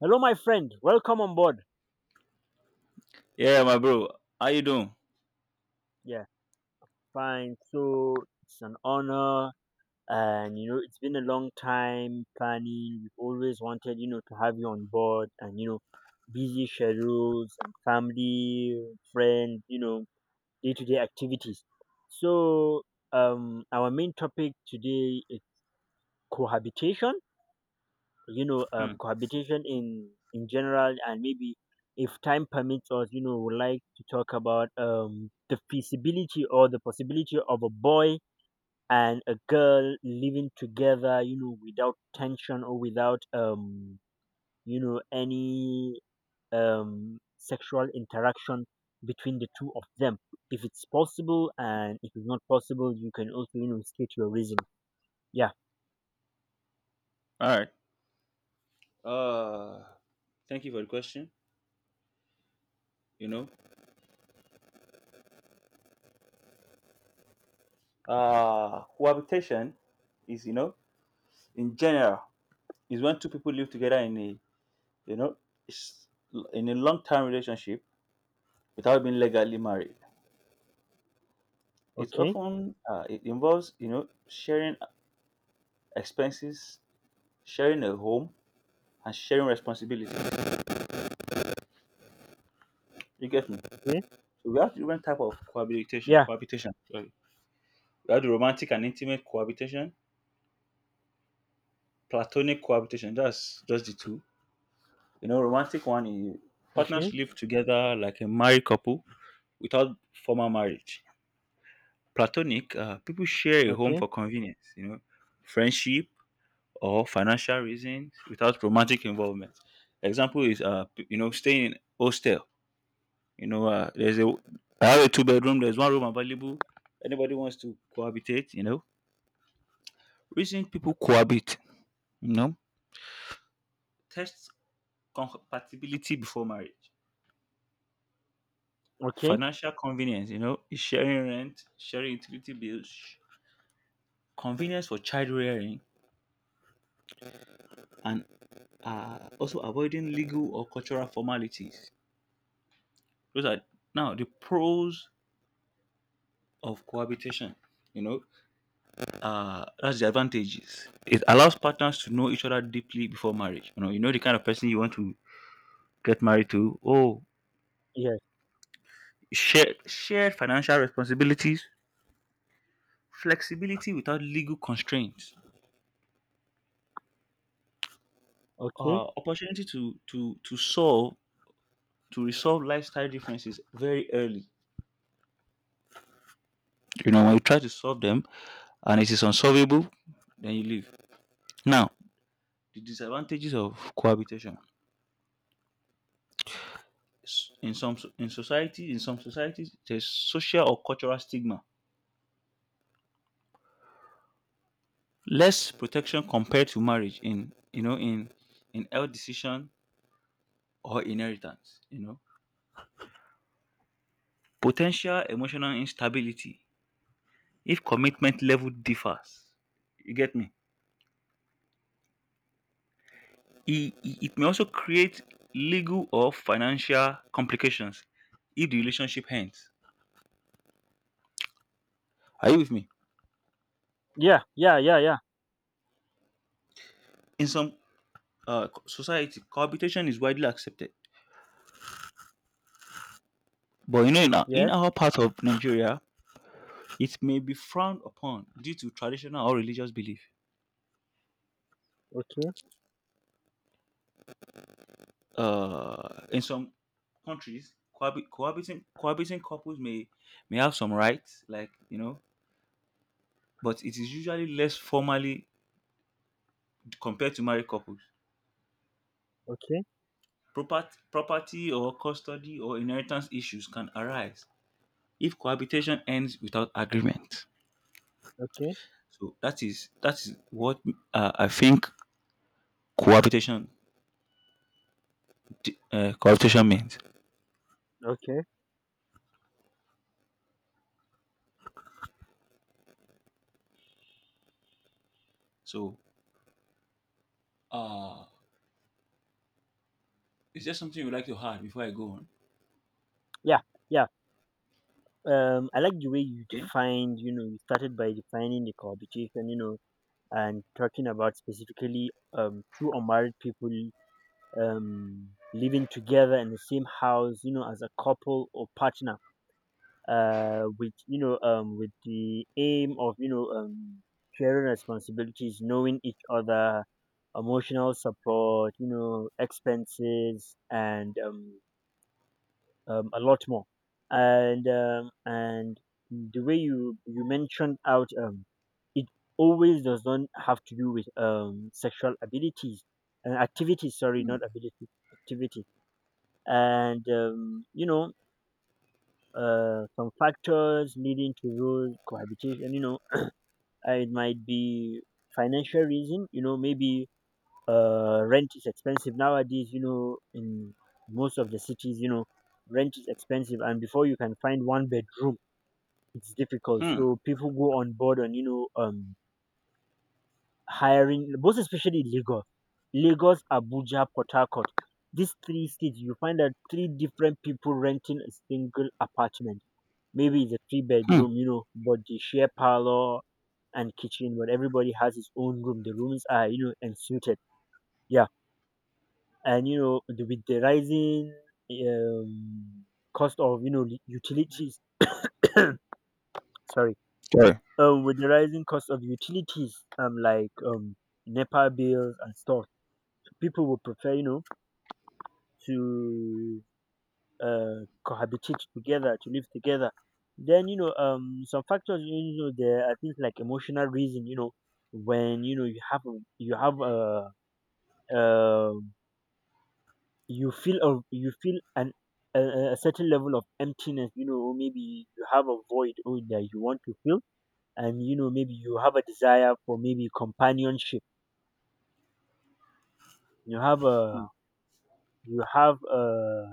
Hello, my friend. Welcome on board. Yeah, my bro. How you doing? Yeah, fine. So it's an honor, and it's been a long time planning. We've always wanted, to have you on board, and busy schedules, and family, friends, day-to-day activities. So, our main topic today is cohabitation. Hmm. Cohabitation in general, and maybe if time permits us, would like to talk about the feasibility or the possibility of a boy and a girl living together, without tension, or without any sexual interaction between the two of them, if it's possible. And if it's not possible, you can also state your reason. Yeah. All right. Uh, Thank you for the question. You know, cohabitation is, you know, in general, is when two people live together in a, you know, s- in a long-term relationship without being legally married. It Okay. often, it involves, you know, sharing expenses, sharing a home, and sharing responsibility. You get me? Okay. So we have different type of cohabitation. Yeah. Cohabitation. Sorry. We have the romantic and intimate cohabitation, platonic cohabitation. That's just the two. You know, romantic one is partners Okay. live together like a married couple without formal marriage. Platonic, people share a home Okay. for convenience. You know, friendship or financial reasons without romantic involvement. Example is you know, staying in hostel. You know, there's a, I have a two bedroom. There's one room available. Anybody wants to cohabitate. You know, reason people cohabit. You know, test compatibility before marriage. Okay. Financial convenience, you know, is sharing rent, sharing utility bills, sh- convenience for child rearing, and also avoiding legal or cultural formalities. Those are now the pros of cohabitation. You know, that's the advantages. It allows partners to know each other deeply before marriage. You know the kind of person you want to get married to. Oh, Yeah. shared financial responsibilities, flexibility without legal constraints, Okay. Opportunity to solve, to resolve lifestyle differences very early. You know, when you try to solve them and it is unsolvable, then you leave. Now, the disadvantages of cohabitation. In society, in some societies there's social or cultural stigma, less protection compared to marriage in, you know, in health decision or inheritance. You know, potential emotional instability if commitment level differs. You get me? It may also create legal or financial complications if the relationship ends. Are you with me? Yeah, yeah, yeah, yeah. In some society, cohabitation is widely accepted. But you know, in Yes. our part of Nigeria, it may be frowned upon due to traditional or religious belief. Okay, In some countries, cohabiting couples may have some rights, like you know, but it is usually less formally compared to married couples. okay, Property or custody or inheritance issues can arise if cohabitation ends without agreement. okay, So that is what I think cohabitation, cohabitation means. okay. So uh, is there something you'd like to add before I go on? Yeah, yeah. I like the way you Yeah. defined, you started by defining the cohabitation, and talking about specifically two unmarried people living together in the same house, as a couple or partner. With with the aim of sharing responsibilities, knowing each other, emotional support, expenses, and a lot more. And the way you mentioned out, it always does not have to do with sexual abilities and activities. Sorry, Hmm. not ability, activity. And some factors leading to those cohabitation. It might be financial reason. You know, maybe rent is expensive nowadays. In most of the cities, rent is expensive, and before you can find one bedroom, it's difficult. Hmm. So people go on board on hiring, both, especially in Lagos, Lagos, Abuja, Port Harcourt. These three states, you find that three different people renting a single apartment. Maybe it's a three Hmm. bedroom, but they share parlor and kitchen, but everybody has his own room. The rooms are, ensuited. Yeah, and with the rising um, cost of utilities, sorry, Sorry. With the rising cost of utilities, like Nepal bills and stuff, people would prefer, to cohabitate together, to live together. Then some factors, there are things like emotional reason. You know, when you have a uh, um, you feel an a certain level of emptiness. You know, or maybe you have a void, or that you want to fill. And maybe you have a desire for maybe companionship. You have a you have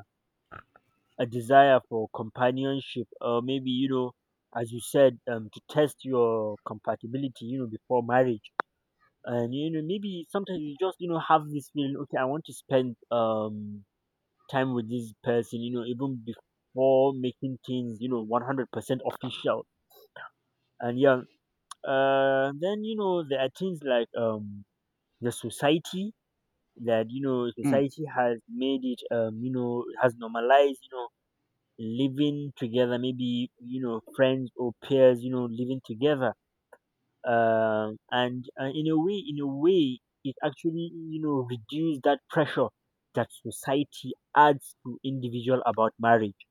a desire for companionship. Or maybe, as you said, to test your compatibility, before marriage. And maybe sometimes you just have this feeling, okay, I want to spend time with this person, even before making things, 100% official. And yeah, then there are things like the society, that Hmm. society has made it, has normalized, living together, maybe friends or peers, living together. And in a way it actually, reduce that pressure that society adds to individual about marriage,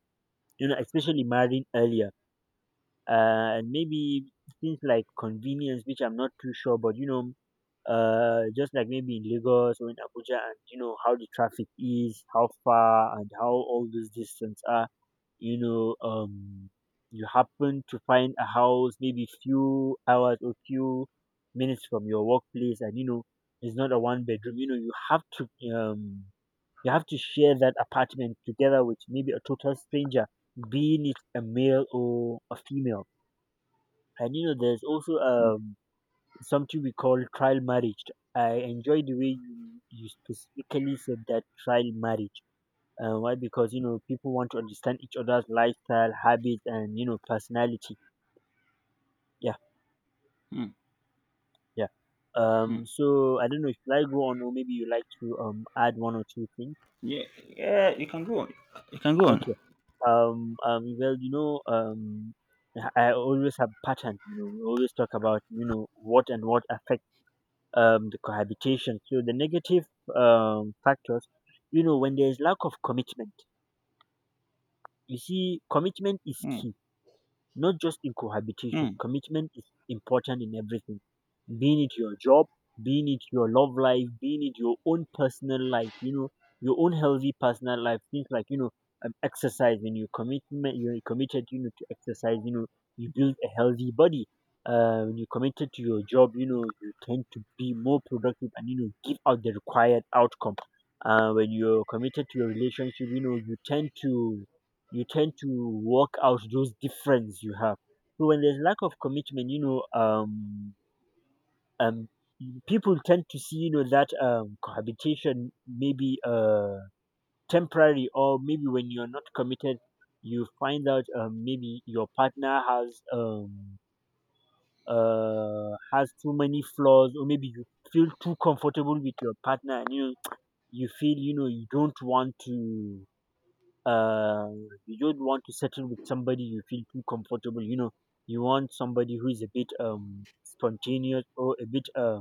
especially marrying earlier. And maybe things like convenience, which I'm not too sure, but just like maybe in Lagos or in Abuja, and how the traffic is, how far and how all those distances are, you know um you happen to find a house maybe few hours or few minutes from your workplace, and it's not a one bedroom, um you have to share that apartment together with maybe a total stranger, being it a male or a female. And there's also Hmm. Something we call trial marriage. I enjoy the way you specifically said that, trial marriage. Why? Because people want to understand each other's lifestyle, habits, and personality. Yeah, Hmm. yeah. Hmm. So I don't know if I go on, or maybe you like to add one or two things. Yeah. Yeah. You can go on. You can go on. Okay. Well, I always have pattern. We always talk about what and what affect the cohabitation. So the negative factors, when there is lack of commitment, you see, commitment is Hmm. key, not just in Hmm. cohabitation. Commitment is important in everything, being it your job, being it your love life, being it your own personal life, your own healthy personal life. Things like, exercise, when you commitment, you're committed, to exercise, you build a healthy body. When you're committed to your job, you tend to be more productive, and, give out the required outcome. When you're committed to your relationship, you tend to work out those difference you have. So when there's lack of commitment, um, people tend to see, that cohabitation maybe temporary, or maybe when you're not committed, you find out, maybe your partner has, has too many flaws, or maybe you feel too comfortable with your partner, and you feel, you don't want to uh, you don't want to settle with somebody you feel too comfortable. You want somebody who is a bit spontaneous, or a bit uh,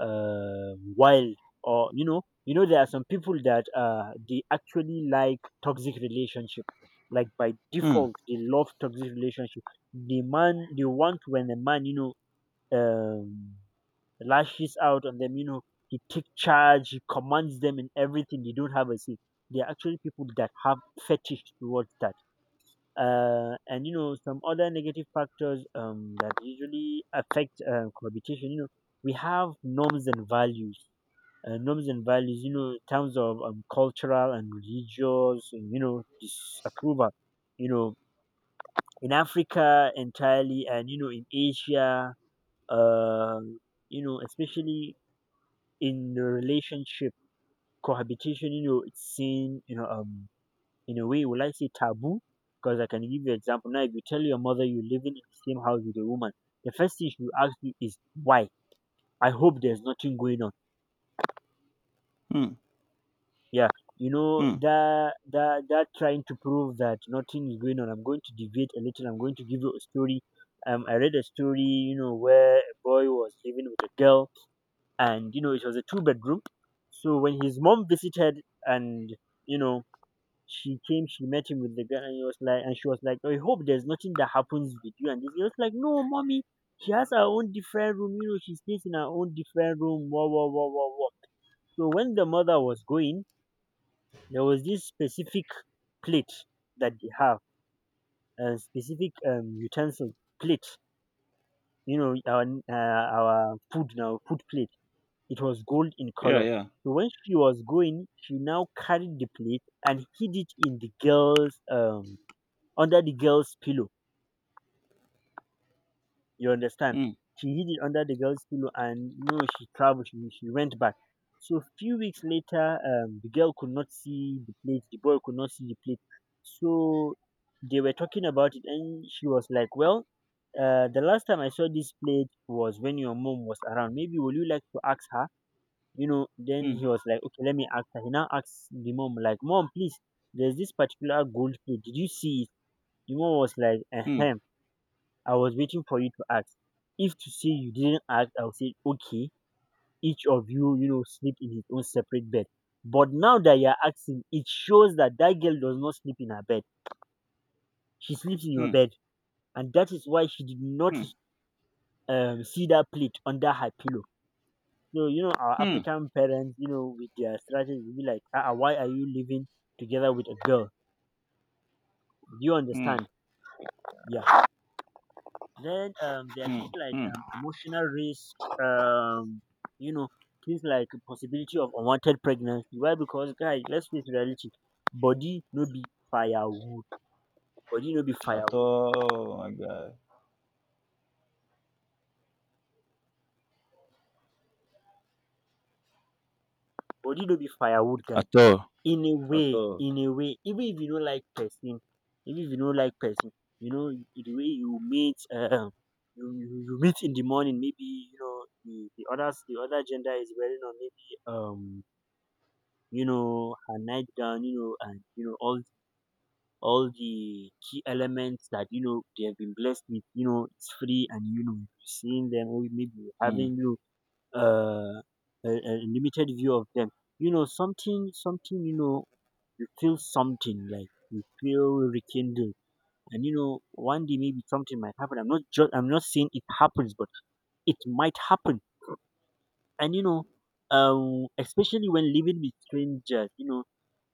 uh wild. Or there are some people that they actually like toxic relationship. Like by Hmm. default, they love toxic relationship. The man they want, when a man, know um lashes out on them. He takes charge, he commands them in everything. They don't have a say. They are actually people that have fetish towards that. And some other negative factors, that usually affect, cohabitation. We have norms and values. Norms and values, in terms of cultural and religious, and, disapproval. You know, in Africa entirely, and in Asia, uh, especially in the relationship, cohabitation, it's seen, in a way, will I say taboo? Because I can give you example. Now, if you tell your mother you're living in the same house with a woman, the first thing she will ask you is why. I hope there's nothing going on. Hmm. Yeah, Hmm. that trying to prove that nothing is going on. I'm going to deviate a little. I'm going to give you a story. I read a story, where a boy was living with a girl, and it was a two bedroom. So when his mom visited, and you know, she came, she met him with the guy, and he was like, and she was like, I hope there's nothing that happens with you. And this, he was like, no, mommy, she has her own different room. She stays in her own different room. Wah wah wah wah wah. So when the mother was going, there was this specific plate that they have, a specific utensil plate. You know, our uh, our food now, food plate. It was gold in Yeah. color. Yeah. So when she was going, she now carried the plate and hid it in the girl's under the girl's pillow. You understand? Hmm. She hid it under the girl's pillow, and no, she traveled. She went back. So few weeks later, the girl could not see the plate. The boy could not see the plate. So they were talking about it, and she was like, "Well, the last time I saw this plate was when your mom was around. Maybe will you like to ask her? You know." Then Hmm. he was like, "Okay, let me ask her." He now asks the mom, like, "Mom, please, there's this particular gold plate. Did you see it?" The mom was like, Hmm. "Ahem." I was waiting for you to ask. If to say you didn't ask, I would say, okay, each of you, sleep in his own separate bed. But now that you're asking, it shows that that girl does not sleep in her bed. She sleeps in your Hmm. bed. And that is why she did not Hmm. See that plate under her pillow. So, our Hmm. African parents, with their strategy, be like, ah, ah, why are you living together with a girl? Do you Hmm. understand? Yeah. Then there are things like emotional risk, um, you know, things like possibility of unwanted pregnancy. Why? Because guys, let's face reality. Body no be firewood. Body no be firewood. Hmm. aga. Body no be firewood, guy. At all. At all. In a way, even if you don't like person, even if you don't like person, you know the way you meet, you meet in the morning. Maybe you know the other gender is wearing on maybe her nightgown, and all the key elements that you know they have been blessed with. It's free, and you're seeing them, or maybe you're Hmm. having know, uh, a limited view of them. You know, something, something. You feel something like you feel rekindled. And one day maybe something might happen. I'm not saying it happens, but it might happen. And especially when living with strangers,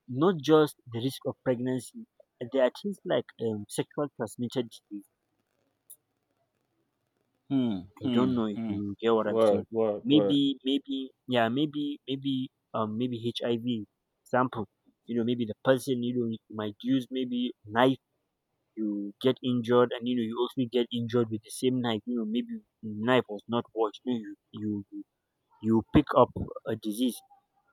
not just the risk of pregnancy. There are things like sexual transmitted disease. Hmm. I Hmm. don't know if Hmm. you get what I'm saying. Word, word, word. Yeah, maybe HIV example. Maybe the person you might use maybe knife. You get injured, and you also get injured with the same knife. Maybe the knife was not washed. You you you pick up a disease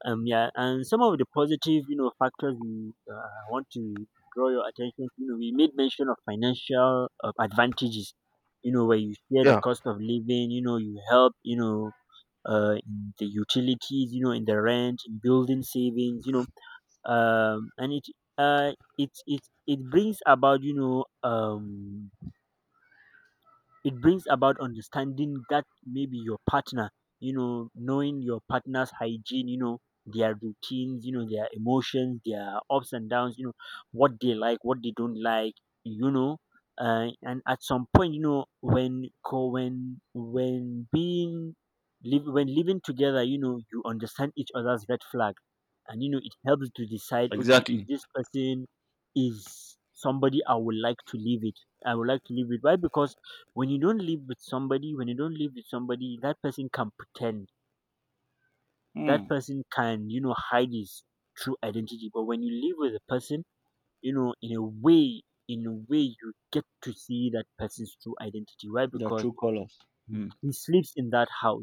yeah, and some of the positive factors we want to draw your attention to, we made mention of financial advantages, where you share the Yeah, cost of living, you help, in the utilities, in the rent, in building savings, and it uh it it it brings about you know it brings about understanding that maybe your partner, knowing your partner's hygiene, their routines, their emotions, their ups and downs, what they like, what they don't like, you know. And at some point, when co when being live when living together, you understand each other's red flag, and it helps to decide. Okay, if exactly. this person is somebody I would like to live it, I would like to live with. Why? Because when you don't live with somebody, that person can Hmm. Hide his true identity, but when you live with a person, in a way, in a way, you get to see that person's true identity. Why? The Because true colors. he Hmm. he sleeps in that house.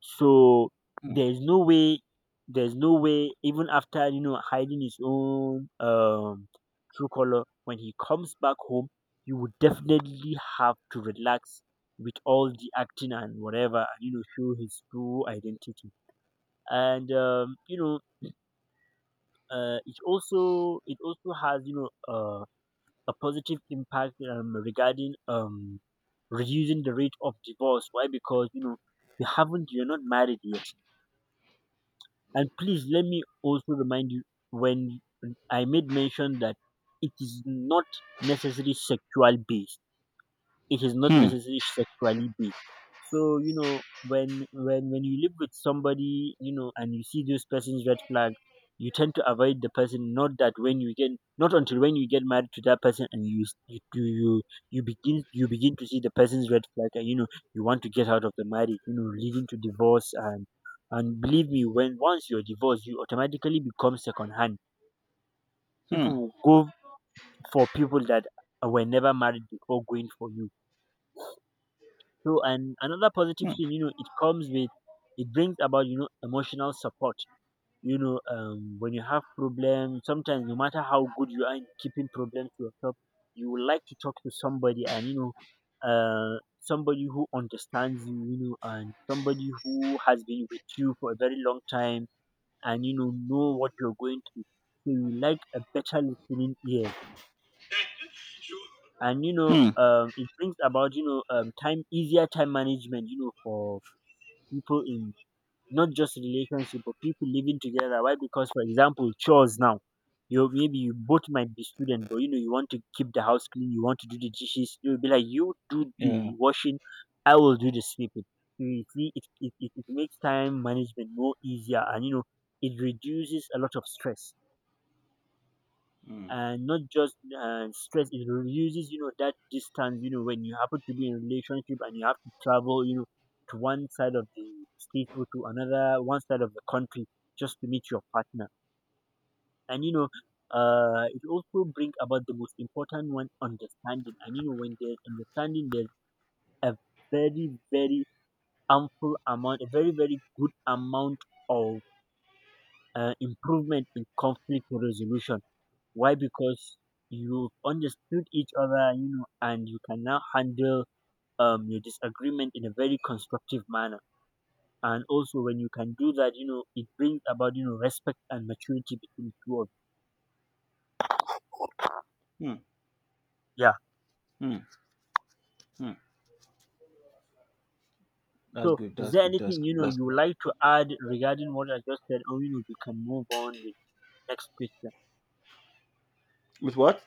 So Hmm. there's no way, there's no way, even after hiding his own true color, when he comes back home, he would definitely have to relax with all the acting and whatever, and show his true identity. And it also has a positive impact regarding reducing the rate of divorce. Why? Because you know you haven't, you're not married yet. And please let me also remind you when I made mention that it is not necessarily sexual based it is not Hmm. necessarily sexually based. So when you live with somebody, and you see this person's red flag, you tend to avoid the person. Not that when you get Not until when you get married to that person, and you begin to see the person's red flag, and you want to get out of the marriage, leading to divorce. And believe me, when once you're divorced, you automatically become second hand. Hmm. People will go for people that were never married before going for you. So, and another positive Hmm. thing, it comes with it brings about, emotional support. When you have problems, sometimes no matter how good you are in keeping problems to yourself, you would like to talk to somebody, and somebody who understands you, and somebody who has been with you for a very long time, and know what you're going through. So you like a better listening ear. And Mm. It brings about time easier time management. For people in not just relationship, but people living together. Why? Because, for example, chores now. You Maybe you both might be student, but you want to keep the house clean. You want to do the dishes. It will be like, you do Yeah. the washing, I will do the sweeping. So you see, it makes time management more easier, and it reduces a lot of stress. And not just stress, it reduces that distance when you happen to be in a relationship and you have to travel to one side of the state or to another one side of the country, just to meet your partner. And it also brings about the most important one, understanding. And when there's understanding, there's a very very a very very good amount of improvement in conflict resolution. Why? Because you've understood each other, and you can now handle your disagreement in a very constructive manner. And also, when you can do that, it brings about, respect and maturity between two of Hmm. you. Yeah. Hmm. Hmm. That's So, good. is That's there good. That's anything, good. That's you good. would like to add regarding what I just said? Or, we can move on with next question. With what?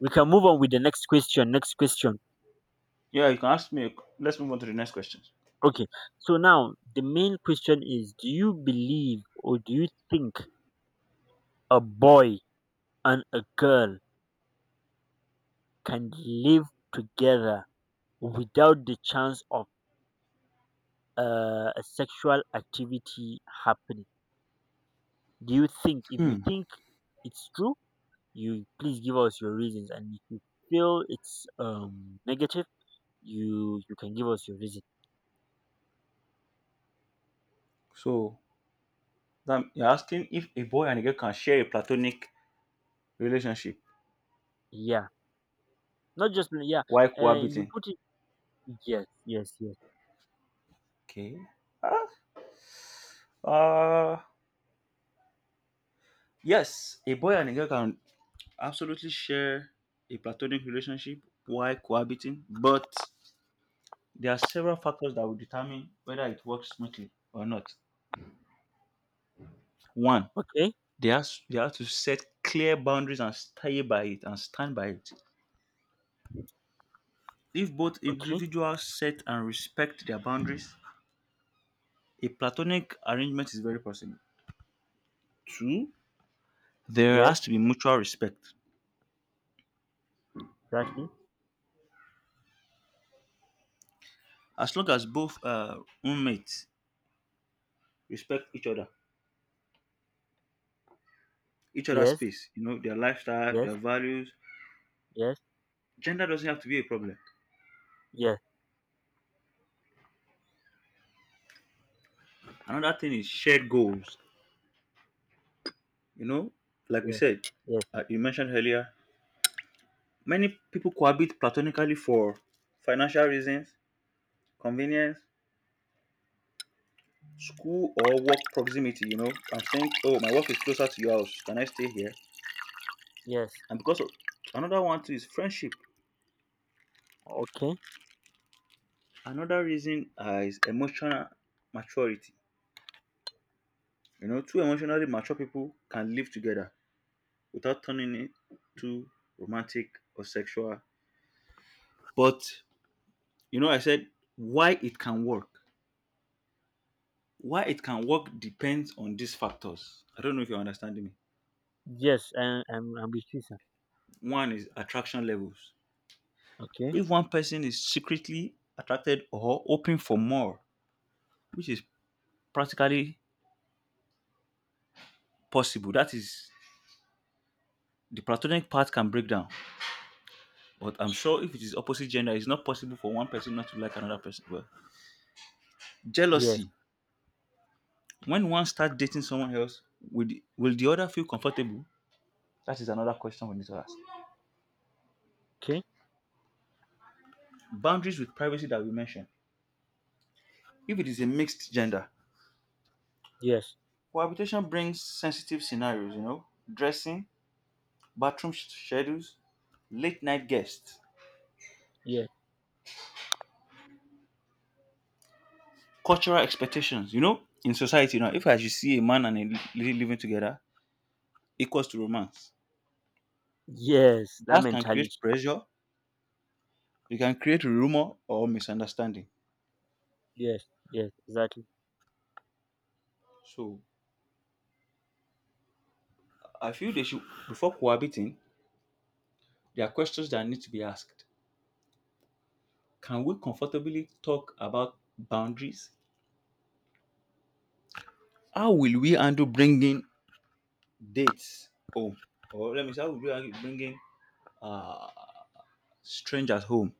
We can move on with the next question. Next question. Yeah, you can ask me. Q- Let's move on to the next question. Okay. So, now the main question is, do you believe, or do you think a boy and a girl can live together without the chance of a sexual activity happening? Do you think? If you Hmm. think it's true, you please give us your reasons, and if you feel it's negative, you can give us your reason. So, that, you're asking if a boy and a girl can share a platonic relationship Yeah, not just, yeah. while If you cohabiting. put it, yes, yes, yes. Okay. Ah, Uh, yes, a boy and a girl can absolutely share a platonic relationship while cohabiting, but there are several factors that will determine whether it works smoothly or not. One, Okay, they have to set clear boundaries and stay by it and stand by it. If both okay. individuals set and respect their boundaries, a platonic arrangement is very possible. Two, there Yes, has to be mutual respect. exactly. As long as both roommates respect each other, each other's Yes, space, you know, their lifestyle, their yes, values. yes, Gender doesn't have to be a problem. yes, Another thing is shared goals. You know, like we yes, said, yes, you mentioned earlier, many people cohabit platonically for financial reasons, convenience, school or work proximity. You know, I'm saying, oh, my work is closer to your house. Can I stay here? yes. And because of another one too is friendship. Okay. Another reason is emotional maturity. You know, two emotionally mature people can live together without turning it too romantic or sexual. But you know, I said why it can work. Why it can work depends on these factors. I don't know if you're understanding me. Yes, and I'm with you, sir. One is attraction levels. Okay. If one person is secretly attracted or open for more, which is practically possible, that is the platonic part can break down. But I'm sure if it is opposite gender, it's not possible for one person not to like another person. Well, Yes. jealousy. When one starts dating someone else, will the other feel comfortable? That is another question we need to ask. Okay. Boundaries with privacy that we mentioned. If it is a mixed gender, Yes. cohabitation brings sensitive scenarios, you know, dressing, schedules, late night guests, Yes. cultural expectations. You know, in society now, if I should see a man and a lady living together, equals to romance. Yes. That That can mentality. create pressure. It can create rumor or misunderstanding. Yes. Yes. Exactly. So I feel they should, before cohabiting, there are questions that need to be asked. Can we comfortably talk about boundaries? How will we handle bringing dates home? Or let me say, how will we handle bringing uh, strangers home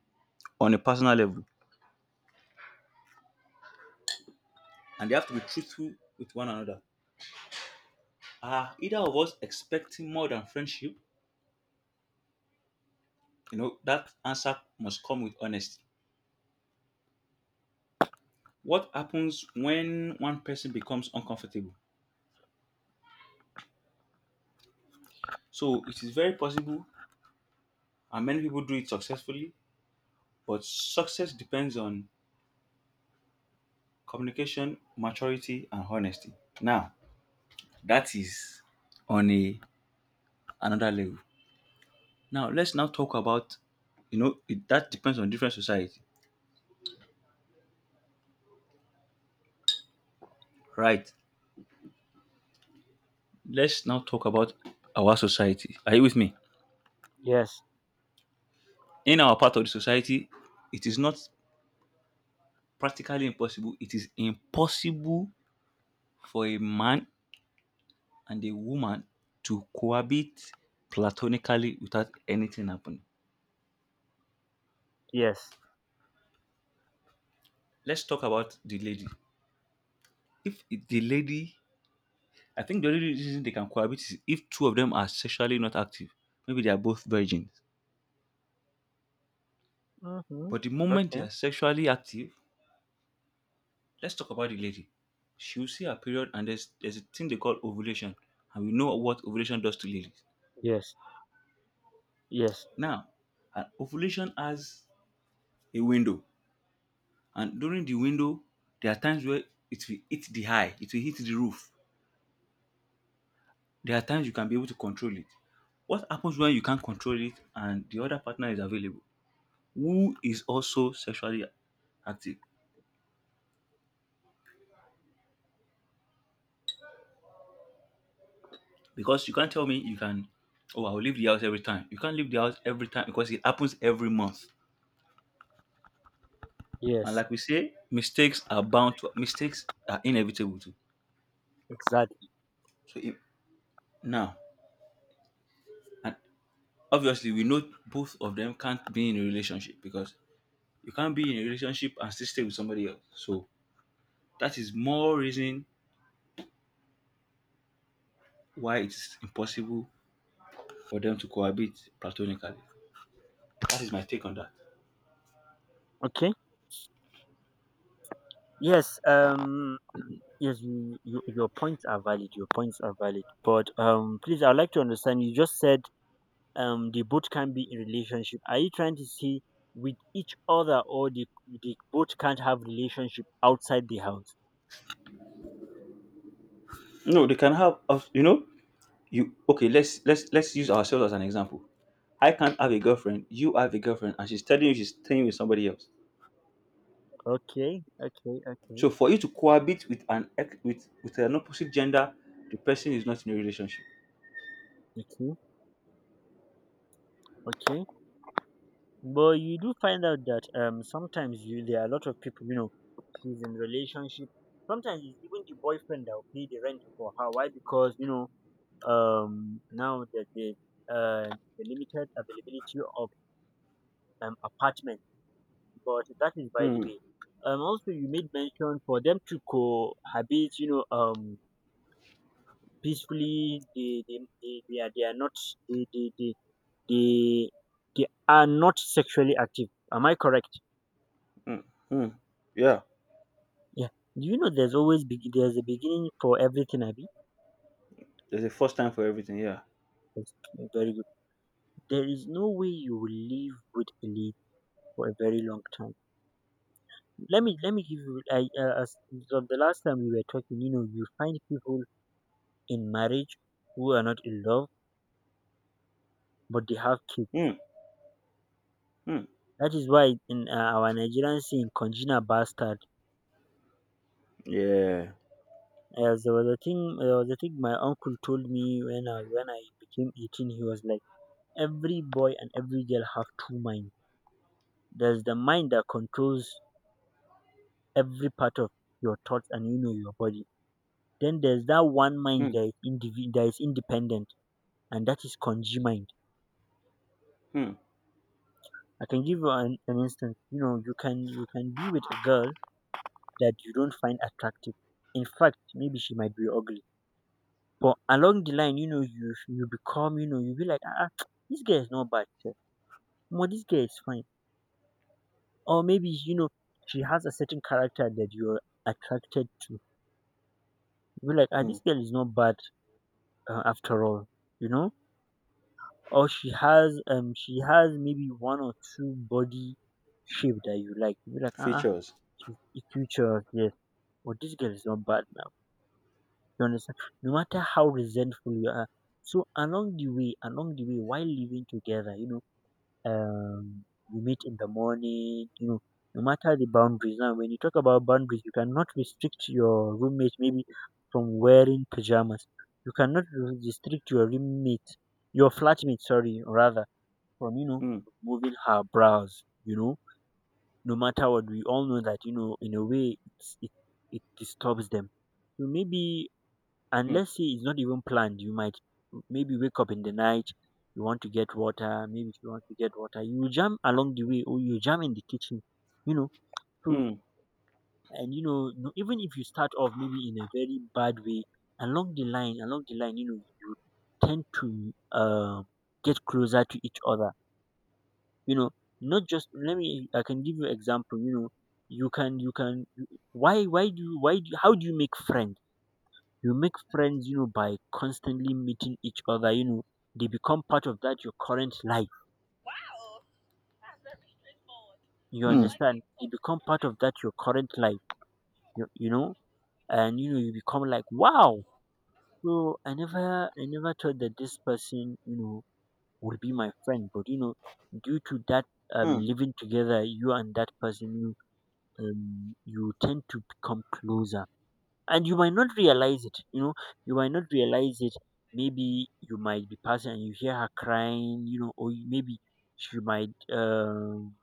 on a personal level? And they have to be truthful with one another. Are either of us expecting more than friendship? You know, that answer must come with honesty. What happens when one person becomes uncomfortable? So it is very possible, and many people do it successfully, but success depends on communication, maturity, and honesty. Now, that is on a another level. Now, let's now talk about, you know it, that depends on different society, right? Let's now talk about our society. Are you with me? Yes. In our part of the society, it is not practically impossible. It is impossible for a man and a woman to cohabit platonically without anything happening. Yes. Let's talk about the lady. If the lady, I think the only reason they can cohabit is if two of them are sexually not active. Maybe they are both virgins. Mm-hmm. But the moment they Okay. are sexually active, let's talk about the lady. She will see her period, and there's a thing they call ovulation, and we know what ovulation does to ladies. Yes. Yes. Now, an ovulation has a window, and during the window, there are times where it will hit the high, it will hit the roof. There are times you can be able to control it. What happens when you can't control it and the other partner is available? Who is also sexually active, because you can't tell me you can, oh, I'll leave the house every time. You can't leave the house every time because it happens every month. And Yes. like we say, mistakes are bound to, mistakes are inevitable too. Exactly. So if, now, and obviously we know both of them can't be in a relationship, because you can't be in a relationship and still stay with somebody else. So that is more reason why it's impossible for them to cohabit platonically. That is my take on that. Okay. Yes. Yes. Your points are valid. Your points are valid. But. Please, I'd like to understand. You just said. The both can be in relationship. Are you trying to see with each other, or the both can't have relationship outside the house? No, they can have of- you know, you, okay, let's use ourselves as an example. I can't have a girlfriend, you have a girlfriend and she's telling you she's staying with somebody else. Okay. Okay. Okay. So for you to cohabit with an with an opposite gender, the person is not in a relationship. Okay. Okay. But you do find out that sometimes you there are a lot of people, she's in relationship. Sometimes it's even the boyfriend that will pay the rent for her. Why? Because now that the uh limited availability of apartment. But that is by the Hmm. way. Also, you made mention for them to cohabit, peacefully, they are not they they, they they they are not sexually active. Am I correct? Hmm. Hmm. Yeah. Yeah. Do you know there's there's a beginning for everything, Abby? There's a first time for everything. Yeah. That's very good. There is no way you will live with a lead for a very long time. Let me give you. I As of the last time we were talking, you find people in marriage who are not in love, but they have kids. Hmm. Hmm. That is why in our Nigerian saying, "Conjina bastard." Yeah. As There was a thing my uncle told me when I became 18. He was like, "Every boy and every girl have two minds." There's the mind that controls every part of your thoughts and your body. Then there's that one mind Hmm. that is, that is independent, and that is Konji mind. Hmm. I can give you an instance. You can be with a girl that you don't find attractive. In fact, maybe she might be ugly. But along the line, you become, you be like, this girl is not bad sef. Omo, this girl is fine. Or maybe she has a certain character that you're attracted to. You be like, ah, Hmm. this girl is not bad after all, you know. Or she has maybe one or two body shape that you like. You're like, Features. she's a future, yes. But this girl is not bad now. You understand? No matter how resentful you are. So along the way, while living together, you meet in the morning, no matter the boundaries. Now, when you talk about boundaries, you cannot restrict your roommate maybe from wearing pajamas. You cannot restrict your roommate, your flatmate, sorry, rather, from, Hmm. moving her brows, No matter what, we all know that, you know, in a way, it disturbs them. So maybe, and Hmm. let's say it's not even planned, you might maybe wake up in the night. You want to get water. Maybe if you want to get water, you will jam along the way, or you jam in the kitchen, you know. So, Hmm. and you know, even if you start off maybe in a very bad way, along the line, you know, you tend to get closer to each other, you know. Not just, let me, I can give you example, you know. You can, you can, why do you why do, how do you make friends? You make friends, you know, by constantly meeting each other, you know. They become part of that your current life. You Hmm. understand? They become part of that your current life. You know. And you know, you become like, wow. So I never thought that this person, you know, would be my friend, but you know, due to that, Hmm. living together, you and that person, you you tend to become closer. And you might not realize it, you know. You might not realize it. Maybe you might be passing and you hear her crying, you know, or maybe she might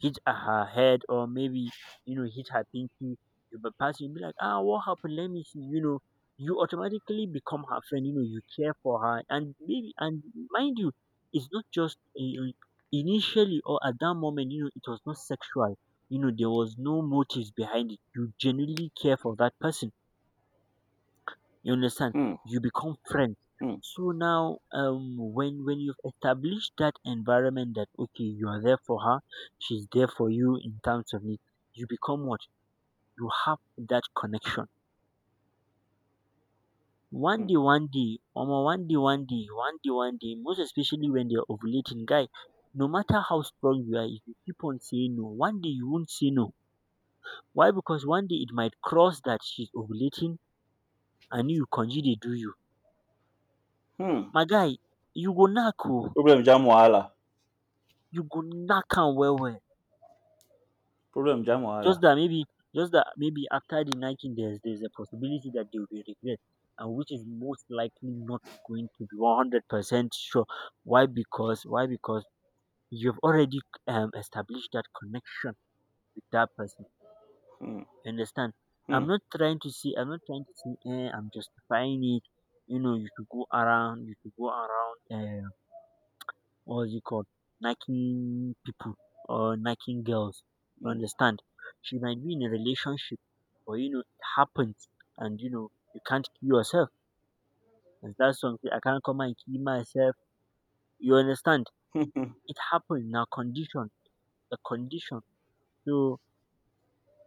hit her head, or maybe, you know, hit her pinky. You might pass, you be like, ah, what happened, let me see, you know. You automatically become her friend, you know. You care for her. And maybe, and mind you, it's not just initially or at that moment, you know, it was not sexual. You know, there was no motives behind it. You genuinely care for that person. You understand? Hmm. You become friends. Hmm. So now, when you've established that environment, that okay, you are there for her, she's there for you in terms of need, you become what, you have that connection. Hmm. One day, omo, one day, one day, one day, one day. Most especially when they're ovulating, guy. No matter how strong you are, if you keep on saying no, one day you won't say no. Why? Because one day it might cross that she's ovulating and you konji dey do you. Hmm. My guy, you go knack oh. Problem jam wahala. You go knack am well well. Problem jam Just wahala. that maybe, just that maybe after the knacking, there's a possibility that they will be regret, and which is most likely not going to be 100% sure. Why? Because why? Because you've already established that connection with that person. Hmm. You understand? Hmm. I'm not trying to see, eh, I'm justifying it. You know, you should go around uh what's it called, knacking people or knacking girls. You Hmm. understand? She might be in a relationship, but you know it happens, and you know you can't kill yourself. There's that song, "I can't come and kill myself." You understand? Hmm, hmm, It happens. Now condition, the condition. So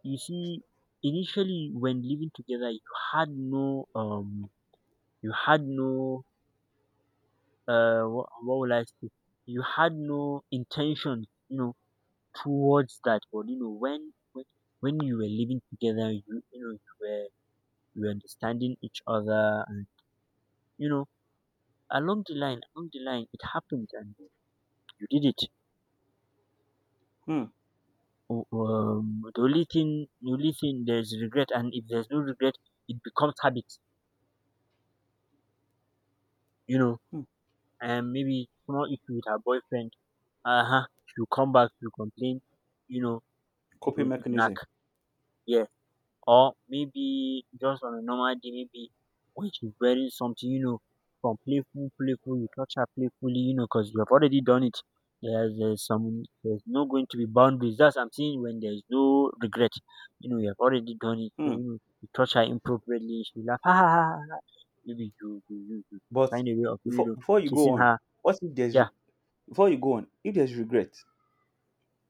you see, initially when living together, had no um, you had no what will I say? You had no intention. You know, towards that. But you know, when you were living together, you know, you were, you were understanding each other. And, you know, along the line, it happened, and you did it. hmm, The only thing, the only thing, there's regret. And if there's no regret, it becomes habit. You know, hmm. and maybe small issue with her boyfriend. Uh huh. She'll come back. She'll complain. You know, it Coping will knack. mechanism. Yeah. Or maybe just on a normal day, maybe when she's wearing something, you know, from playful, playful, you touch her playfully, you know, because you have already done it. There's no going to be boundaries. That's I'm saying when there's no regret. You know, you have already done it. So, Hmm. you know, you touch her inappropriately, she laugh, ha ha ha, ha, ha." Maybe you But find a way of, you know, before you go kissing on, her. what if there's re-, Yeah. before you go on, if there's regret,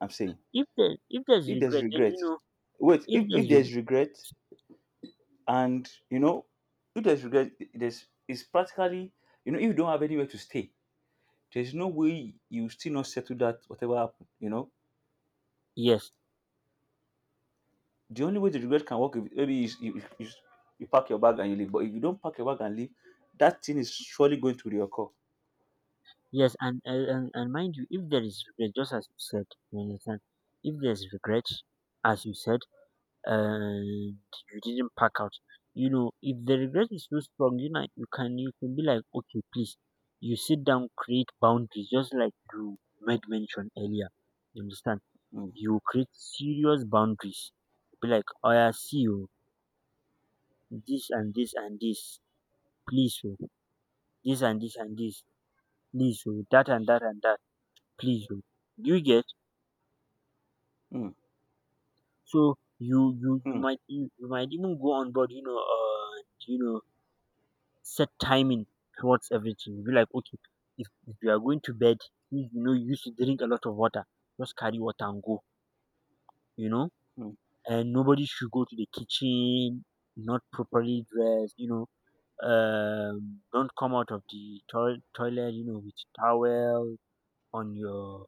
I'm saying, If there's if there's regret, then regret, you know, wait, if if there's re- there's regret, and you know, if there's regret, there's, it's practically, you know, if you don't have anywhere to stay, there's no way you still not settle that whatever happened, you know. yes. The only way the regret can work if maybe is you pack your bag and you leave. But if you don't pack your bag and leave, that thing is surely going to reoccur. Yes, and mind you, if there is regret, just as you said, you understand. If there's regret, as you said, and you didn't pack out, you know, if the regret is too strong, you know, you can be like, okay, please, you sit down, create boundaries, just like you made mention earlier. You understand? Mm, You create serious boundaries. Be like, oh yeah, see you, this and this and this, please, oh, this and this and this, please, oh, that and that and that, please, oh. Do you get? mm, So mm, you might even go on board, you know, and, you know, set timing towards everything. You be like, okay, if you are going to bed, you know, you used to drink a lot of water. Just carry water and go, you know. mm. And nobody should go to the kitchen, not properly dressed, you know. Don't come out of the toilet, you know, with towel on your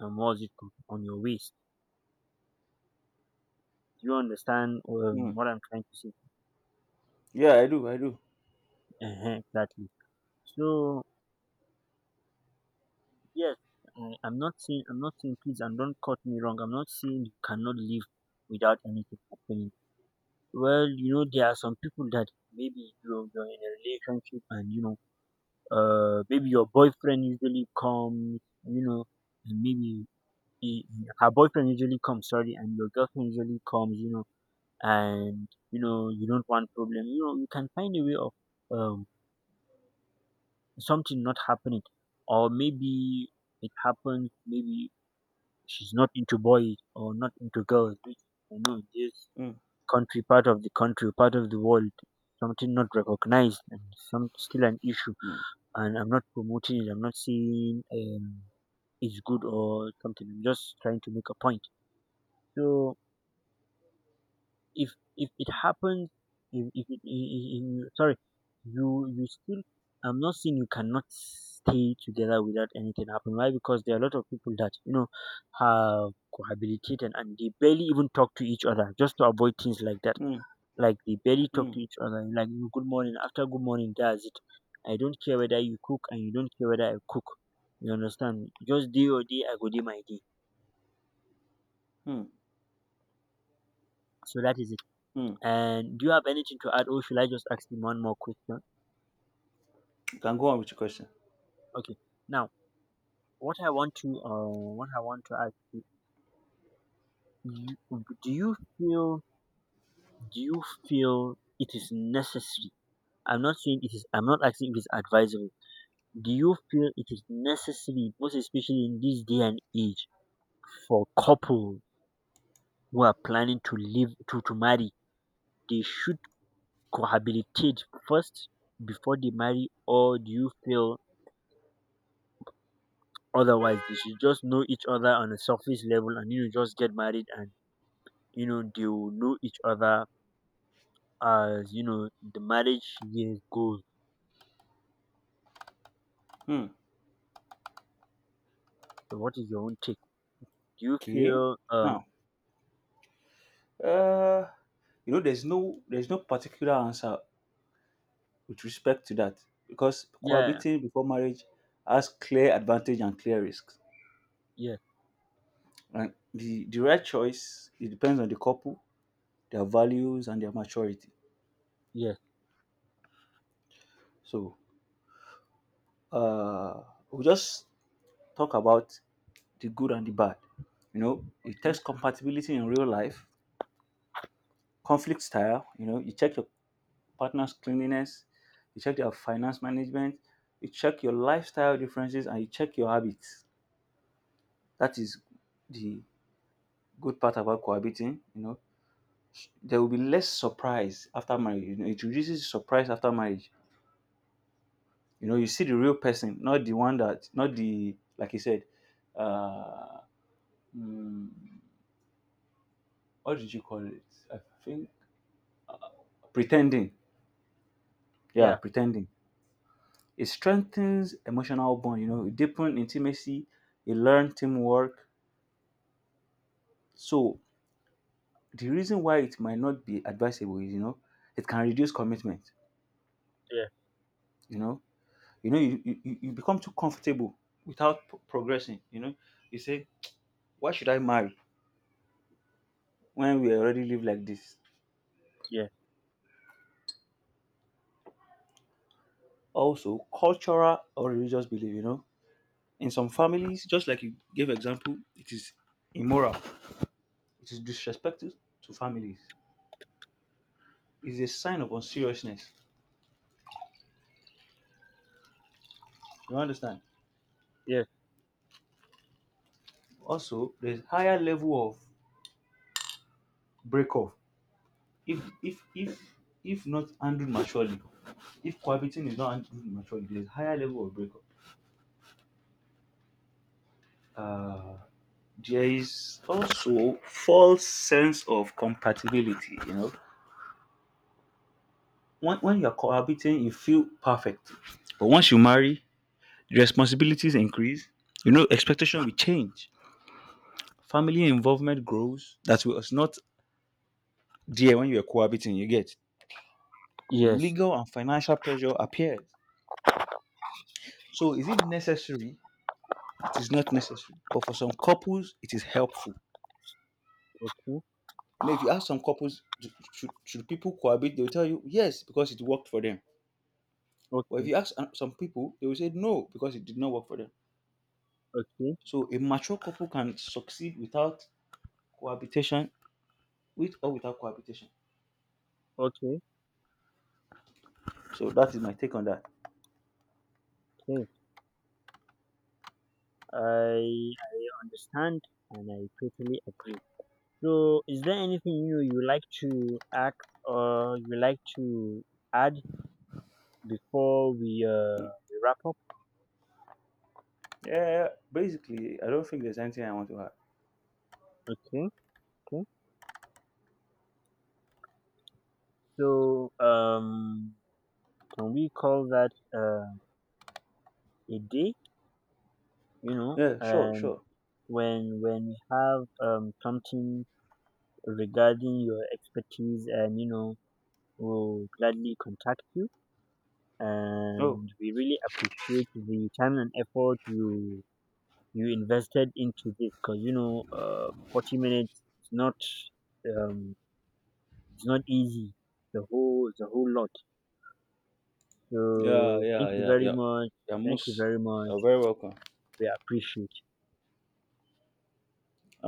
what's it called, on your waist. You understand Mm. what I'm trying to say? Yeah, I do. I do. Uh, exactly. So, yes, I'm not saying, please, and don't cut me wrong. I'm not saying you cannot live without anything happening. Well, you know there are some people that maybe you're in a relationship and you know, maybe your boyfriend usually comes, you know, and maybe her boyfriend usually comes, sorry, and your girlfriend usually comes, you know, and you know you don't want problem, you know. You can find a way of um something not happening. Or maybe it happens, maybe she's not into boys or not into girls. Which I know in this Mm. country, part of the country, part of the world, something not recognized and some still an issue. Mm. And I'm not promoting it. I'm not saying it's good or something. I'm just trying to make a point. So if if it happens, if it I- you, sorry you, you still, I'm not saying you cannot stay together without anything happen. Why? Because there are a lot of people that, you know, have cohabitated and they barely even talk to each other, just to avoid things like that. Mm. Like they barely talk Mm. to each other, like, you know, good morning after good morning, that's it. I don't care whether you cook and you don't care whether I cook. You understand? Just day or day, I go do my day. Mm. So that is it. Mm. And do you have anything to add, or should I just ask you one more question? You can go on with your question. Okay. Now, what I want to what I want to ask you, you- do you feel, do you feel it is necessary? I'm not saying it is. I'm not asking if it's advisable. Do you feel it is necessary, most especially in this day and age, for couples who are planning to live to marry, they should cohabitate first before they marry? Or do you feel otherwise, they should just know each other on a surface level and, you know, just get married and, you know, they will know each other as, you know, the marriage years goes. Mm. So what is your own take? Do you Okay. feel Now, uh, you know, there's no, there's no particular answer with respect to that, because yeah, cohabiting before marriage has clear advantage and clear risks. yeah, And the right choice, it depends on the couple, their values, and their maturity. yes, So, uh, we'll just talk about the good and the bad. You know, it takes okay, compatibility in real life, conflict style. You know, you check your partner's cleanliness, you check their finance management, you check your lifestyle differences, and you check your habits. That is the good part about cohabiting. You know, there will be less surprise after marriage. You know, it reduces surprise after marriage. You know, you see the real person, not the one that, not the like you said. Uh, mm, what did you call it? I think pretending. Yeah, yeah, pretending. It strengthens emotional bond, you know, it deepens intimacy, it learns teamwork. So the reason why it might not be advisable is, you know, it can reduce commitment, yeah, you know. You know, you become too comfortable without progressing, you know. You say, why should I marry when we already live like this? yeah, Also, cultural or religious belief, you know. In some families, just like you gave example, it is immoral. It is disrespectful to families. It's a sign of unseriousness. You understand? yes, Also, there's higher level of break off if if not handled maturely. If cohabiting is not handled maturely, there's higher level of break off. Uh, there is also false sense of compatibility. You know, when you're cohabiting, you feel perfect, but once you marry, responsibilities increase. You know, expectation will change. Family involvement grows. That was not there when you were cohabiting. You get yes, legal and financial pressure appears. So is it necessary? It is not necessary, but for some couples, it is helpful. okay, You know, if you ask some couples, do-, should people cohabit? They will tell you yes because it worked for them. But if okay, you ask some people, they will say no because it did not work for them. okay, So a mature couple can succeed without cohabitation, with or without cohabitation. okay, So that is my take on that. okay. I understand and I totally agree. So is there anything you know you like to ask or you like to add before Mm. we wrap up? Yeah, basically, I don't think there's anything I want to add. Okay, okay. So, um, can we call that, um, a day? You know, Yeah, sure, and sure. When we have, something regarding your expertise, and you know, we'll gladly contact you. Oh, And we really appreciate the time and effort you invested into this, because you know, 40 minutes is not, um, it's not easy. The whole lot. yeah, So yeah, thank you yeah, very yeah. much. You're Thank you most, very much. you're very welcome. We appreciate. Have